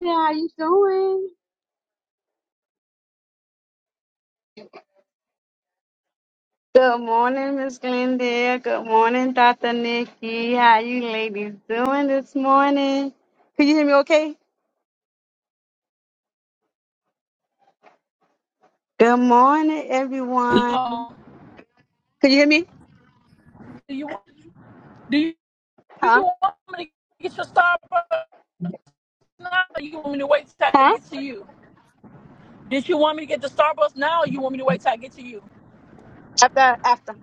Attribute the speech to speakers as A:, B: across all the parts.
A: Hey, how you doing? Good morning, Miss Glendale. Good morning, Dr. Nikki. How you ladies doing this morning? Can you hear me okay? Good morning, everyone.
B: Um,
A: Can you hear me?
B: do you do you, do
A: Huh?
B: you want me to get your Starbucks now? Or you want me to wait till I
A: Huh?
B: get to you? Did you want me to get the Starbucks now? Or you want me to wait till I get to you?
A: After, after.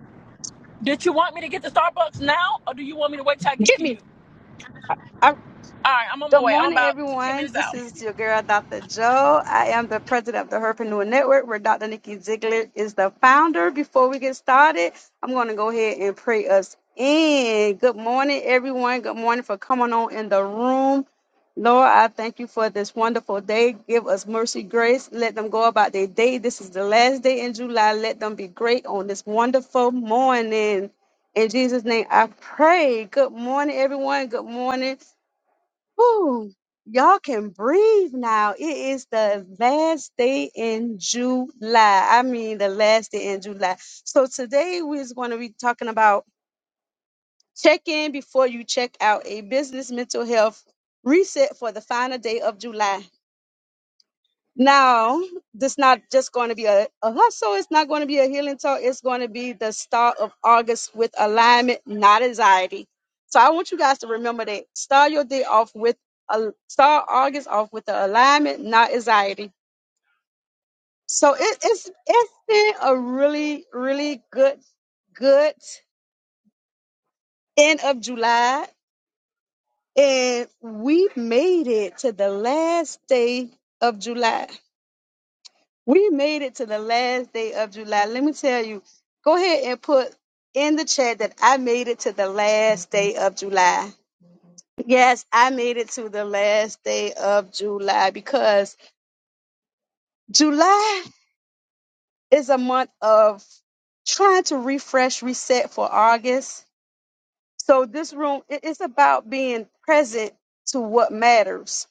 B: Did you want me to get the Starbucks now, or do you want me to wait till I get
A: Get
B: to you?
A: me.
B: All right, I'm on my
A: Good
B: way. I'm
A: morning,
B: about 15
A: everyone.
B: minutes
A: This
B: out.
A: is your girl, Dr. Joe. I am the president of the Herpreneur Network, where Dr. Nikki Ziegler is the founder. Before we get started, I'm going to go ahead and pray us in. Good morning, everyone. Good morning for coming on in the room. Lord, I thank you for this wonderful day. Give us mercy, grace. Let them go about their day. This is the last day in July. Let them be great on this wonderful morning. In Jesus' name, I pray. Good morning, everyone. Good morning. Whew, y'all can breathe now. It is the last day in July. I mean, the last day in July. So today we're going to be talking about check in before you check out a business mental health reset for the final day of July. Now, this not just going to be a, a hustle. It's not going to be a healing talk. It's going to be the start of August with alignment, not anxiety. So I want you guys to remember that. Start your day off with a start August off with the alignment, not anxiety. So it, it's it's been a really really good good end of July, and we made it to the last day of July. We made it to the last day of July. Let me tell you, go ahead and put in the chat that I made it to the last day of July. Yes, I made it to the last day of July because July is a month of trying to refresh, reset for August. So this room, it- it's about being present to what matters.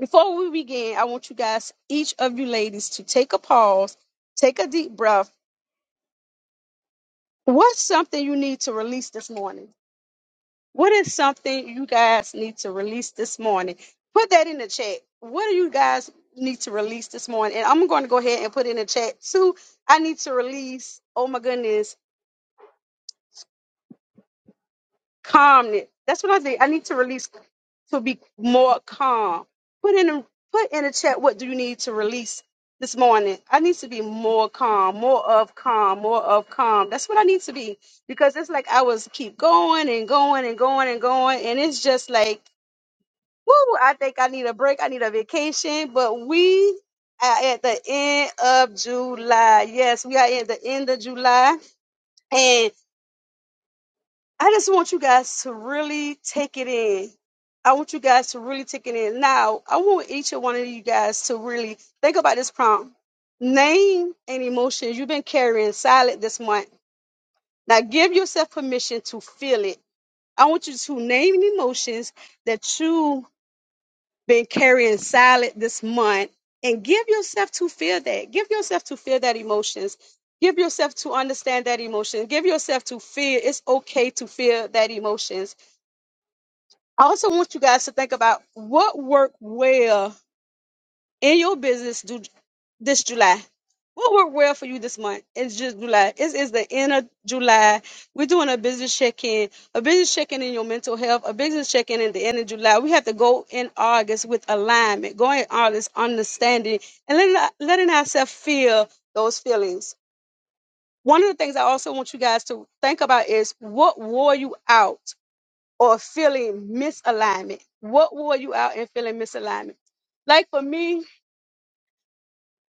A: Before we begin, I want you guys, each of you ladies, to take a pause, take a deep breath, What's something you need to release this morning? What is something you guys need to release this morning? Put that in the chat. What do you guys need to release this morning? And I'm going to go ahead and put in the chat too. I need to release. Oh my goodness. calmness. That's what I think. I need to release to be more calm. Put in a, put in a chat. What do you need to release this morning? I need to be more calm, more of calm, more of calm. That's what I need to be because it's like I was keep going and going and going and going, and it's just like, woo! I think I need a break. I need a vacation. But we are at the end of July. Yes, we are at the end of July. I just want you guys to really take it in. I want you guys to really take it in. Now, I want each and one of you guys to really think about this prompt. Name an emotion you've been carrying silent this month. Now, give yourself permission to feel it. I want you to name the emotions that you've been carrying silent this month and give yourself to feel that. Give yourself to feel that emotions. Give yourself to understand that emotion. Give yourself to feel it's okay to feel that emotions I also want you guys to think about what worked well in your business do, this July. What worked well for you this month? It's just July. It's, it's the end of July. We're doing a business check-in, a business check-in in your mental health, a business check-in at the end of July. We have to go in August with alignment, going in August understanding, and letting, letting ourselves feel those feelings. One of the things I also want you guys to think about is what wore you out or feeling misalignment? What wore you out in feeling misalignment? Like for me,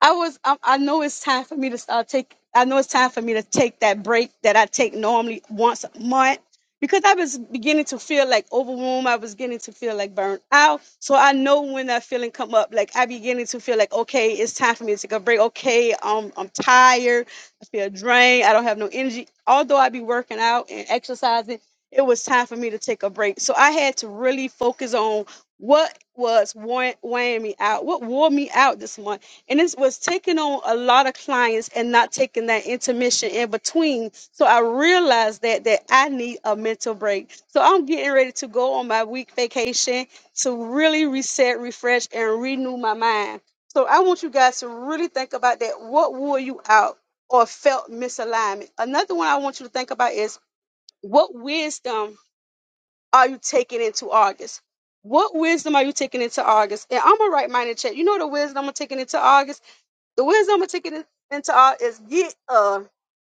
A: I was I, I know it's time for me to start take I know it's time for me to take that break that I take normally once a month because I was beginning to feel like overwhelmed. I was getting to feel like burnt out. So I know when that feeling come up, like I beginning to feel like, okay, it's time for me to take a break. Okay, um, I'm tired. I feel drained. I don't have no energy. Although I be working out and exercising, it was time for me to take a break. So I had to really focus on what was weighing weighing me out, what wore me out this month and it was taking on a lot of clients and not taking that intermission in between so i realized that that i need a mental break so i'm getting ready to go on my week vacation to really reset refresh and renew my mind so i want you guys to really think about that what wore you out or felt misalignment another one i want you to think about is what wisdom are you taking into august what wisdom are you taking into August? And I'm gonna write mine in chat. You know the wisdom I'm taking into August? The wisdom of ticket it into all is get a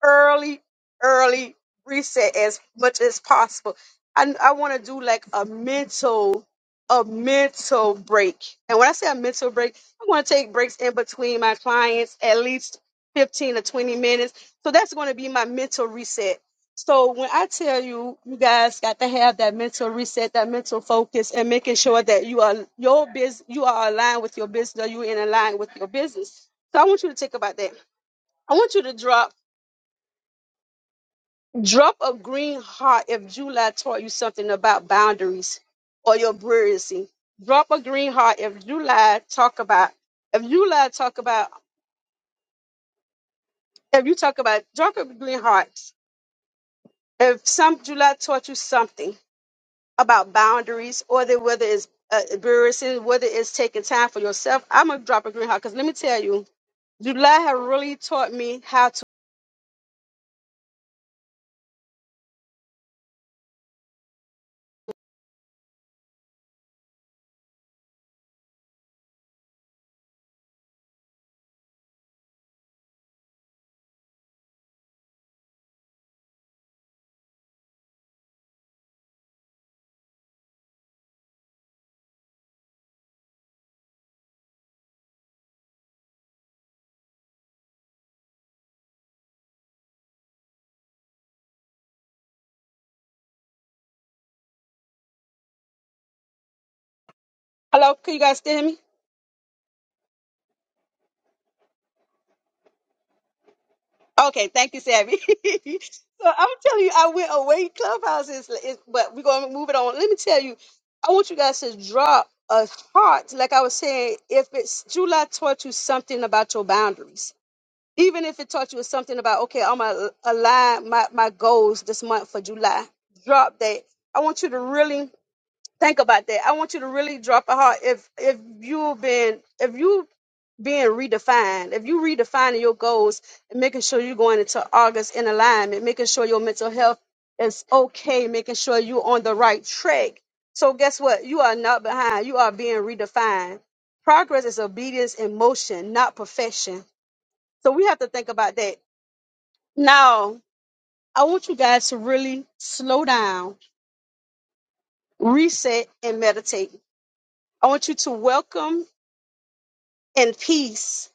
A: early, early reset as much as possible. I I want to do like a mental, a mental break. And when I say a mental break, I want to take breaks in between my clients, at least 15 to 20 minutes. So that's going to be my mental reset. So when I tell you, you guys got to have that mental reset, that mental focus, and making sure that you are your business, you are aligned with your business, or you in aligned with your business so I want you to think about that. I want you to drop drop a green heart if July taught you something about boundaries or your brilliancy. Drop a green heart if July talk about if July talk about if you talk about drop a green heart if some July taught you something about boundaries or that whether it's uh, brilliancy, whether it's taking time for yourself. I'm gonna drop a green heart because let me tell you, July have really taught me how to. Hello, can you guys still hear me? Okay, thank you, Savvy. so I'm telling you, I went away Clubhouse, is, is, but we're gonna move it on. Let me tell you, I want you guys to drop a heart. Like I was saying, if it's July taught you something about your boundaries, even if it taught you something about okay, I'm gonna align my my goals this month for July. Drop that. I want you to really think about that. I want you to really drop a heart. If if you've been if you being redefined, if you redefining your goals and making sure you're going into August in alignment, making sure your mental health is okay, making sure you're on the right track. So guess what? You are not behind. You are being redefined. Progress is obedience in motion, not perfection. So we have to think about that. Now, I want you guys to really slow down, reset, and meditate. I want you to welcome and peace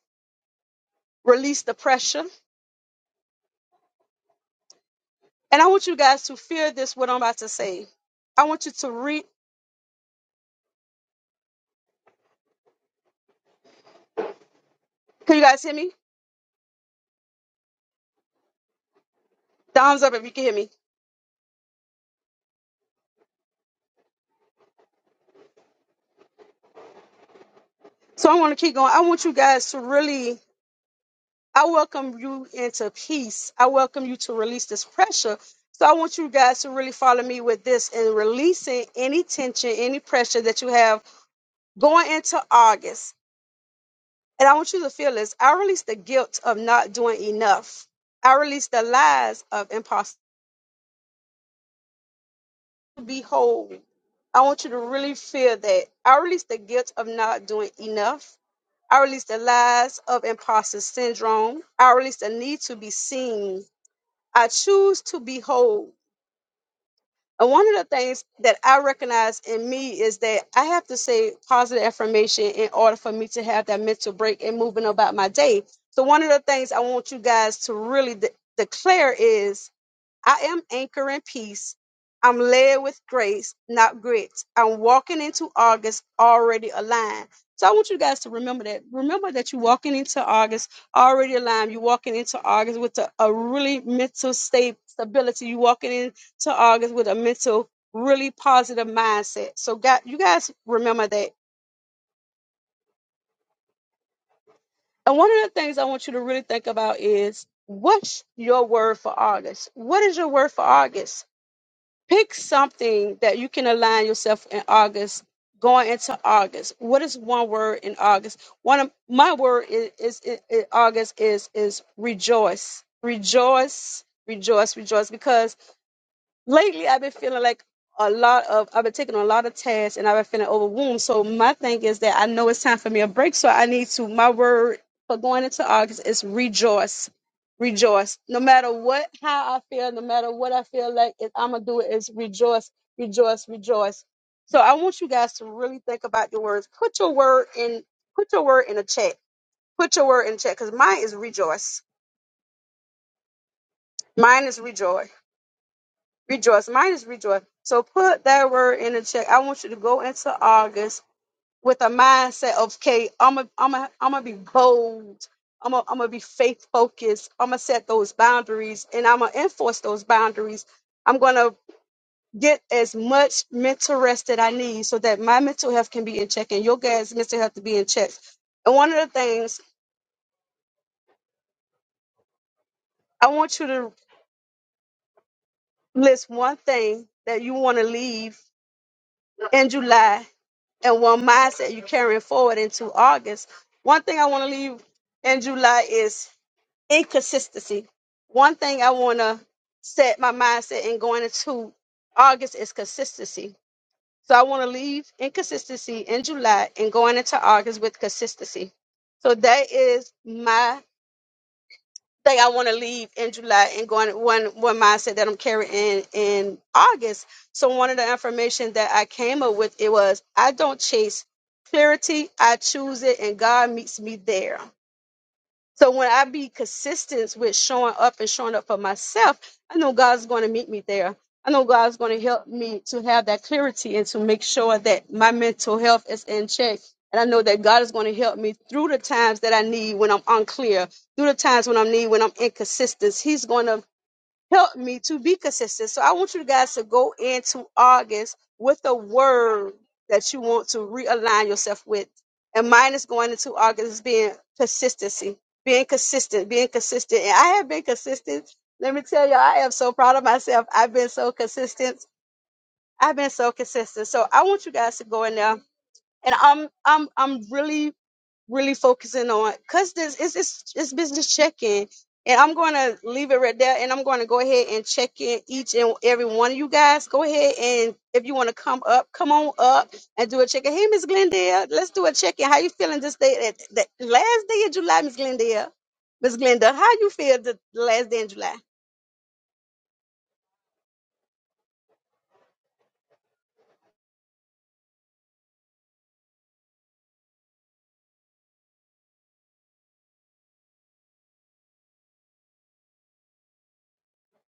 A: release the pressure. And I want you guys to feel this, what I'm about to say. I want you to read. Can you guys hear me? Thumbs up if you can hear me. So I want to keep going. I want you guys to really, I welcome you into peace. I welcome you to release this pressure. So I want you guys to really follow me with this and releasing any tension, any pressure that you have going into August. And I want you to feel this. I release the guilt of not doing enough. I release the lies of impossibility. to be whole. I want you to really feel that. I release the guilt of not doing enough. I release the lies of imposter syndrome. I release the need to be seen. I choose to be whole. And one of the things that I recognize in me is that I have to say positive affirmation in order for me to have that mental break and moving about my day. So, one of the things I want you guys to really de- declare is I am anchoring peace. I'm led with grace, not grit. I'm walking into August already aligned. So I want you guys to remember that. Remember that you're walking into August already aligned. You're walking into August with a, a really mental state stability. You're walking into August with a mental, really positive mindset. So God, you guys remember that. And one of the things I want you to really think about is what's your word for August? What is your word for August? Pick something that you can align yourself in August, going into August. What is one word in August? One of my word is, is, is, is August is is rejoice. Rejoice, rejoice, rejoice. Because lately I've been feeling like a lot of I've been taking on a lot of tasks and I've been feeling overwhelmed. So my thing is that I know it's time for me a break. So I need to my word for going into August is rejoice. Rejoice. No matter what how I feel, no matter what I feel like it, I'm gonna do it is rejoice, rejoice, rejoice. So I want you guys to really think about your words. Put your word in put your word in a chat. Put your word in the chat because mine is rejoice. Mine is rejoice. rejoice. Mine is rejoice. So put that word in the check. I want you to go into August with a mindset of, okay, I'm a, I'm a, I'm gonna be bold. I'm gonna, I'm gonna be faith focused. I'm gonna set those boundaries and I'm gonna enforce those boundaries. I'm gonna get as much mental rest that I need so that my mental health can be in check and your guys' mental health to be in check. And one of the things I want you to list one thing that you want to leave in July and one mindset you're carrying forward into August. One thing I want to leave in July is inconsistency. One thing I want to set my mindset in going into August is consistency. So I want to leave inconsistency in July and going into August with consistency. So that is my think I want to leave in July and going one one mindset that I'm carrying in, in August. So one of the information that I came up with it was I don't chase clarity, I choose it and God meets me there. So when I be consistent with showing up and showing up for myself, I know God's going to meet me there. I know God's going to help me to have that clarity and to make sure that my mental health is in check. And I know that God is going to help me through the times that I need when I'm unclear, through the times when I need when I'm inconsistent. He's going to help me to be consistent. So I want you guys to go into August with a word that you want to realign yourself with. And mine is going into August is being consistency, being consistent, being consistent. And I have been consistent. Let me tell you, I am so proud of myself. I've been so consistent. I've been so consistent. So I want you guys to go in there. And I'm I'm I'm really really focusing on because this is it's, it's business check-in and i'm going to leave it right there and i'm going to go ahead and check in each and every one of you guys go ahead and if you want to come up come on up and do a check-in hey miss glendale let's do a check-in how you feeling this day at the last day of july miss glendale miss glenda how you feel the last day in july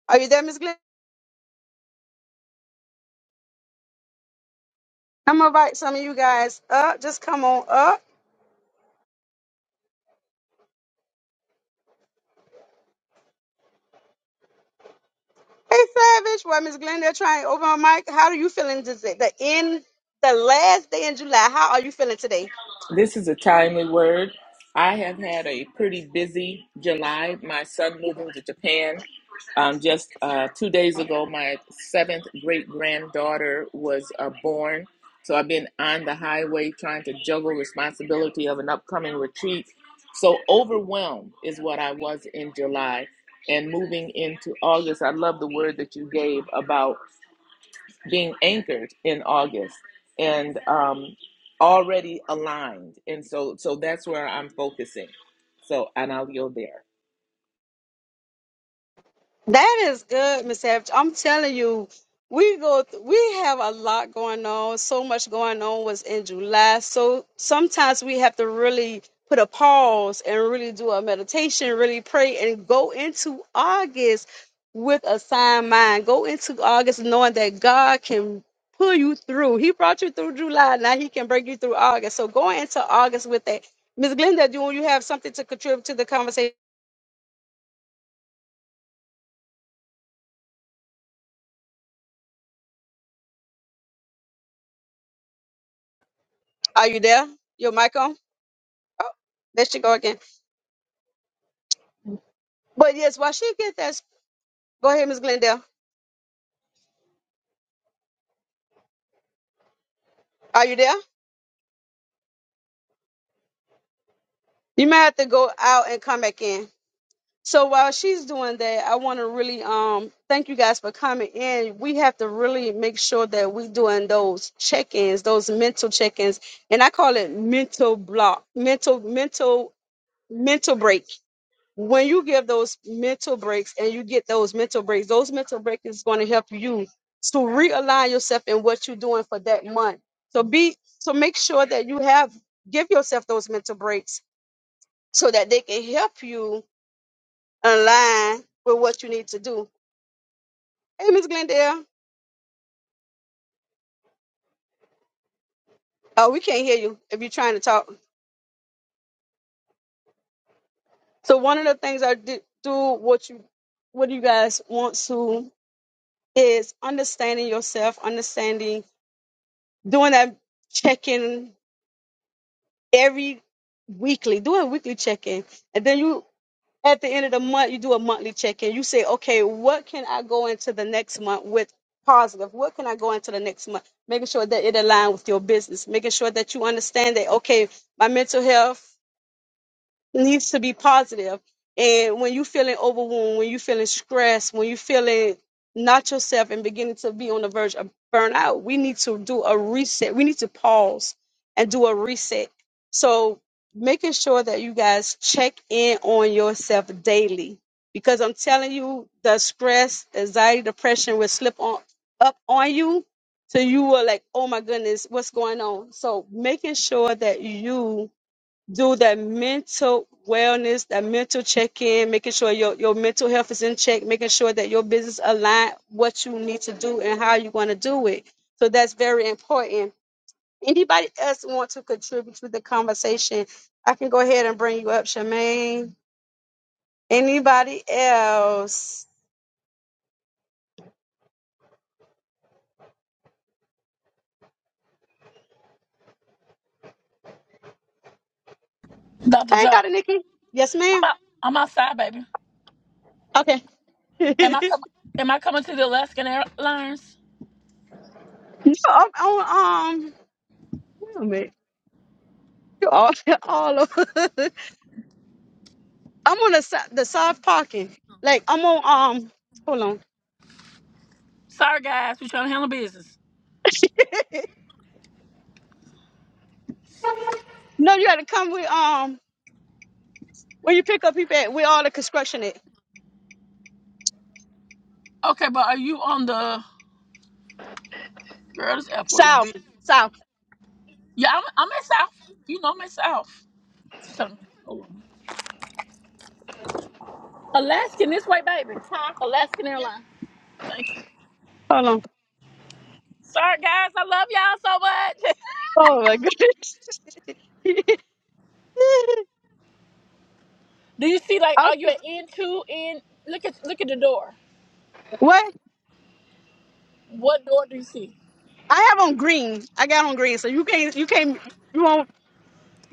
A: are you there miss glenda i'm going to invite some of you guys up just come on up Hey, Savage. Well, Miss Glenda, trying over on Mike. How are you feeling today? The end, the last day in July. How are you feeling today?
C: This is a timely word. I have had a pretty busy July. My son moving to Japan. Um, just uh, two days ago, my seventh great granddaughter was uh, born. So I've been on the highway trying to juggle responsibility of an upcoming retreat. So overwhelmed is what I was in July and moving into August. I love the word that you gave about being anchored in August and um, already aligned. And so, so that's where I'm focusing. So, and I'll yield there.
A: That is good, Miss Savage. I'm telling you, we go. Th- we have a lot going on. So much going on was in July. So sometimes we have to really put a pause and really do a meditation, really pray, and go into August with a signed mind. Go into August knowing that God can pull you through. He brought you through July. Now He can bring you through August. So going into August with that, Miss Glenda, do you have something to contribute to the conversation? Are you there? Your mic on? Oh, there she go again. But yes, while she get that, go ahead, Miss Glendale. Are you there? You may have to go out and come back in. So while she's doing that, I want to really um thank you guys for coming in. We have to really make sure that we doing those check-ins, those mental check-ins, and I call it mental block, mental, mental, mental break when you give those mental breaks and you get those mental breaks, those mental breaks is going to help you to realign yourself in what you're doing for that month. So be so make sure that you have give yourself those mental breaks so that they can help you align with what you need to do. Hey, Miss Glendale. Oh, we can't hear you if you're trying to talk. So one of the things I did do what you what you guys want to is understanding yourself, understanding doing that check-in every weekly, do a weekly check-in. And then you at the end of the month, you do a monthly check-in. You say, okay, what can I go into the next month with positive? What can I go into the next month? Making sure that it aligns with your business, making sure that you understand that okay, my mental health it needs to be positive. And when you feeling overwhelmed, when you feeling stressed, when you feeling not yourself and beginning to be on the verge of burnout, we need to do a reset. We need to pause and do a reset. So making sure that you guys check in on yourself daily. Because I'm telling you, the stress, anxiety, depression will slip on up on you. So you were like, oh my goodness, what's going on? So making sure that you do that mental wellness, that mental check-in, making sure your, your mental health is in check, making sure that your business align what you need to do and how you're going to do it. So that's very important. Anybody else want to contribute to the conversation? I can go ahead and bring you up, Charmaine. Anybody else?
B: Dr.
A: Hey,
B: Joe,
A: Dr. Nikki. Yes,
B: I'm
A: ma'am.
B: out, I'm outside, baby.
A: Okay. no,
B: Am I coming? Am I coming to the Alaskan Airlines?
A: I'm on um. Wait a minute. You all, all over. I'm on the si- the soft parking. Like I'm on um hold on.
B: Sorry, guys, we're trying to handle business.
A: No, you gotta come with um when you pick up people at where all the construction at.
B: Okay, but are you on the? Girl, this airport is
A: South.
B: busy.
A: South.
B: Yeah, I'm, I'm in South. You know, I'm in South. She's telling me. hold on. Alaskan this way, baby. Huh? Alaskan Airlines. Thank you.
A: Hold on.
B: Sorry, guys. I love y'all so much.
A: Oh my goodness.
B: do you see, like, are you
A: okay.
B: at N two? N look at look at the door.
A: What?
B: What door do you see?
A: I have on green. I got on green, so you can't you can't you won't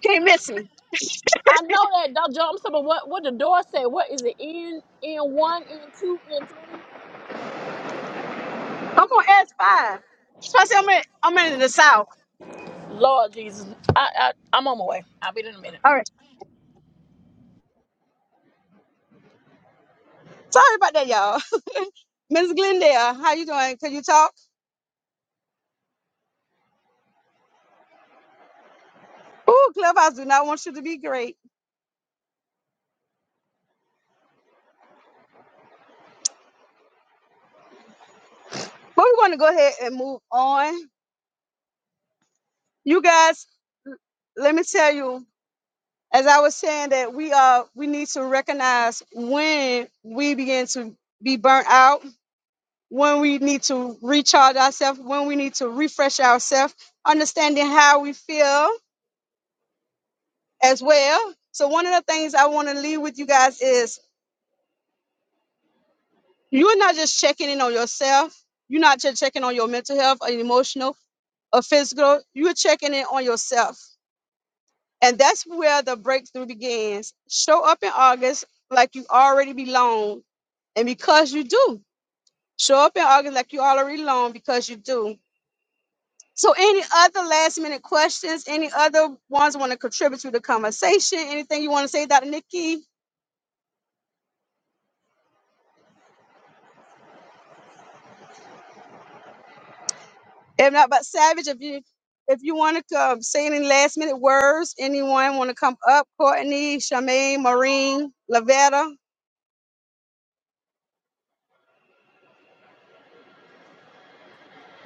A: you can't miss me.
B: I know that Don't jump. am sorry, but what what the door said? What is it? N N one, N two, N three.
A: I'm on S five. Plus I'm in I'm in the south.
B: Lord Jesus, I, I I'm on my way. I'll be there in a minute.
A: All right. Sorry about that, y'all. Ms. Glendale, how you doing? Can you talk? Ooh, Clubhouse do not want you to be great. But we want to go ahead and move on. You guys, let me tell you, as I was saying that we uh we need to recognize when we begin to be burnt out, when we need to recharge ourselves, when we need to refresh ourselves, understanding how we feel as well. So one of the things I want to leave with you guys is you're not just checking in on yourself, you're not just checking on your mental health or emotional or physical, you're checking in on yourself And that's where the breakthrough begins. Show up in August like you already belong, and because you do. Show up in August like you already belong because you do. So, any other last minute questions? Any other ones want to contribute to the conversation? Anything you want to say, Dr. Nikki? If not, but Savage, if you if you want to um, say any last minute words, anyone want to come up? Courtney, Charmaine, Maureen, Lavetta.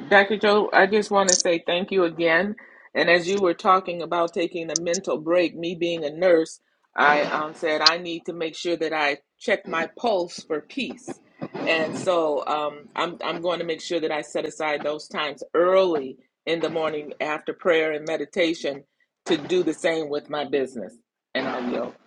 C: Dr. Joe, I just want to say thank you again. And as you were talking about taking a mental break, me being a nurse, I um, said I need to make sure that I check my pulse for peace. And so um, I'm, I'm going to make sure that I set aside those times early in the morning after prayer and meditation to do the same with my business and I'll yell.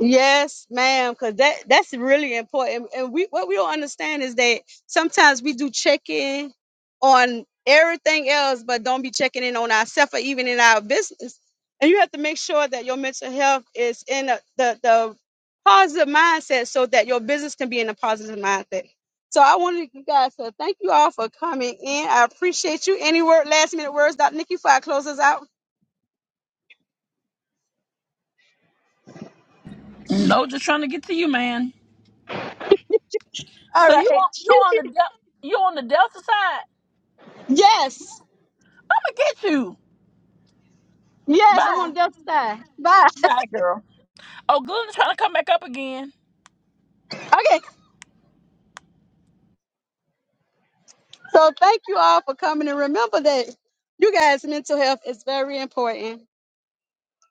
A: Yes, ma'am, because that that's really important. And we what we don't understand is that sometimes we do check in on everything else, but don't be checking in on ourselves or even in our business. And you have to make sure that your mental health is in a, the the positive mindset so that your business can be in a positive mindset. So I wanted you guys to thank you all for coming in. I appreciate you. Any word last minute words, Dr. Nikki, before I close us out?
B: No, just trying to get to you, man.
A: All
B: So you
A: right.
B: on you on the del- you on the Delta side?
A: Yes.
B: I'ma get you.
A: Yes, I'm on
B: Bye,
A: the other side. Bye.
B: bye, girl. Oh, Glenda's trying to come back up again.
A: Okay, so thank you all for coming and remember that you guys' mental health is very important.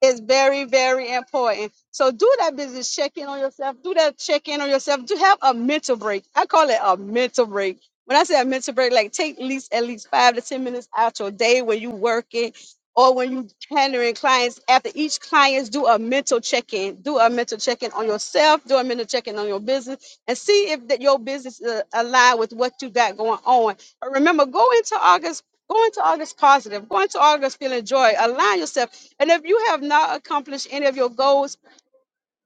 A: It's very, very important. So do that business check-in on yourself. Do that check-in on yourself. Do have a mental break. I call it a mental break. When I say a mental break, like take at least at least five to ten minutes out your day when you working or when you handling clients. After each clients, do a mental check-in. Do a mental check-in on yourself. Do a mental check-in on your business and see if that your business uh, align with what you got going on. But remember, go into August. Go into August positive. Go into August feeling joy. Align yourself and if you have not accomplished any of your goals,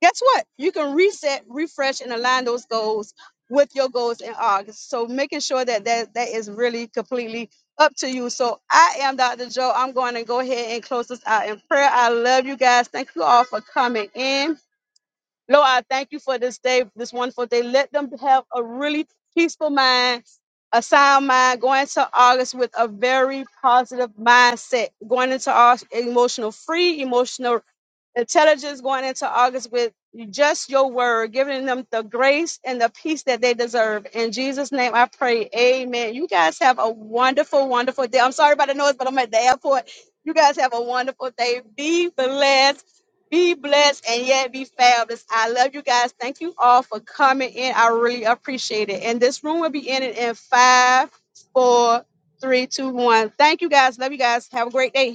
A: guess what? You can reset, refresh, and align those goals with your goals in August. So making sure that that, that is really completely up to you. So I am Dr. Joe. I'm going to go ahead and close this out in prayer. I love you guys. Thank you all for coming in. Lord, I thank you for this day, this wonderful day. Let them have a really peaceful mind, a sound mind, going into August with a very positive mindset, going into August emotional free, emotional intelligence, going into August with just your word, giving them the grace and the peace that they deserve. In Jesus' name I pray. Amen. You guys have a wonderful, wonderful day. I'm sorry about the noise, but I'm at the airport. You guys have a wonderful day. Be blessed. Be blessed and yet be fabulous. I love you guys. Thank you all for coming in. I really appreciate it. And this room will be ending in five, four, three, two, one. Thank you guys. Love you guys. Have a great day.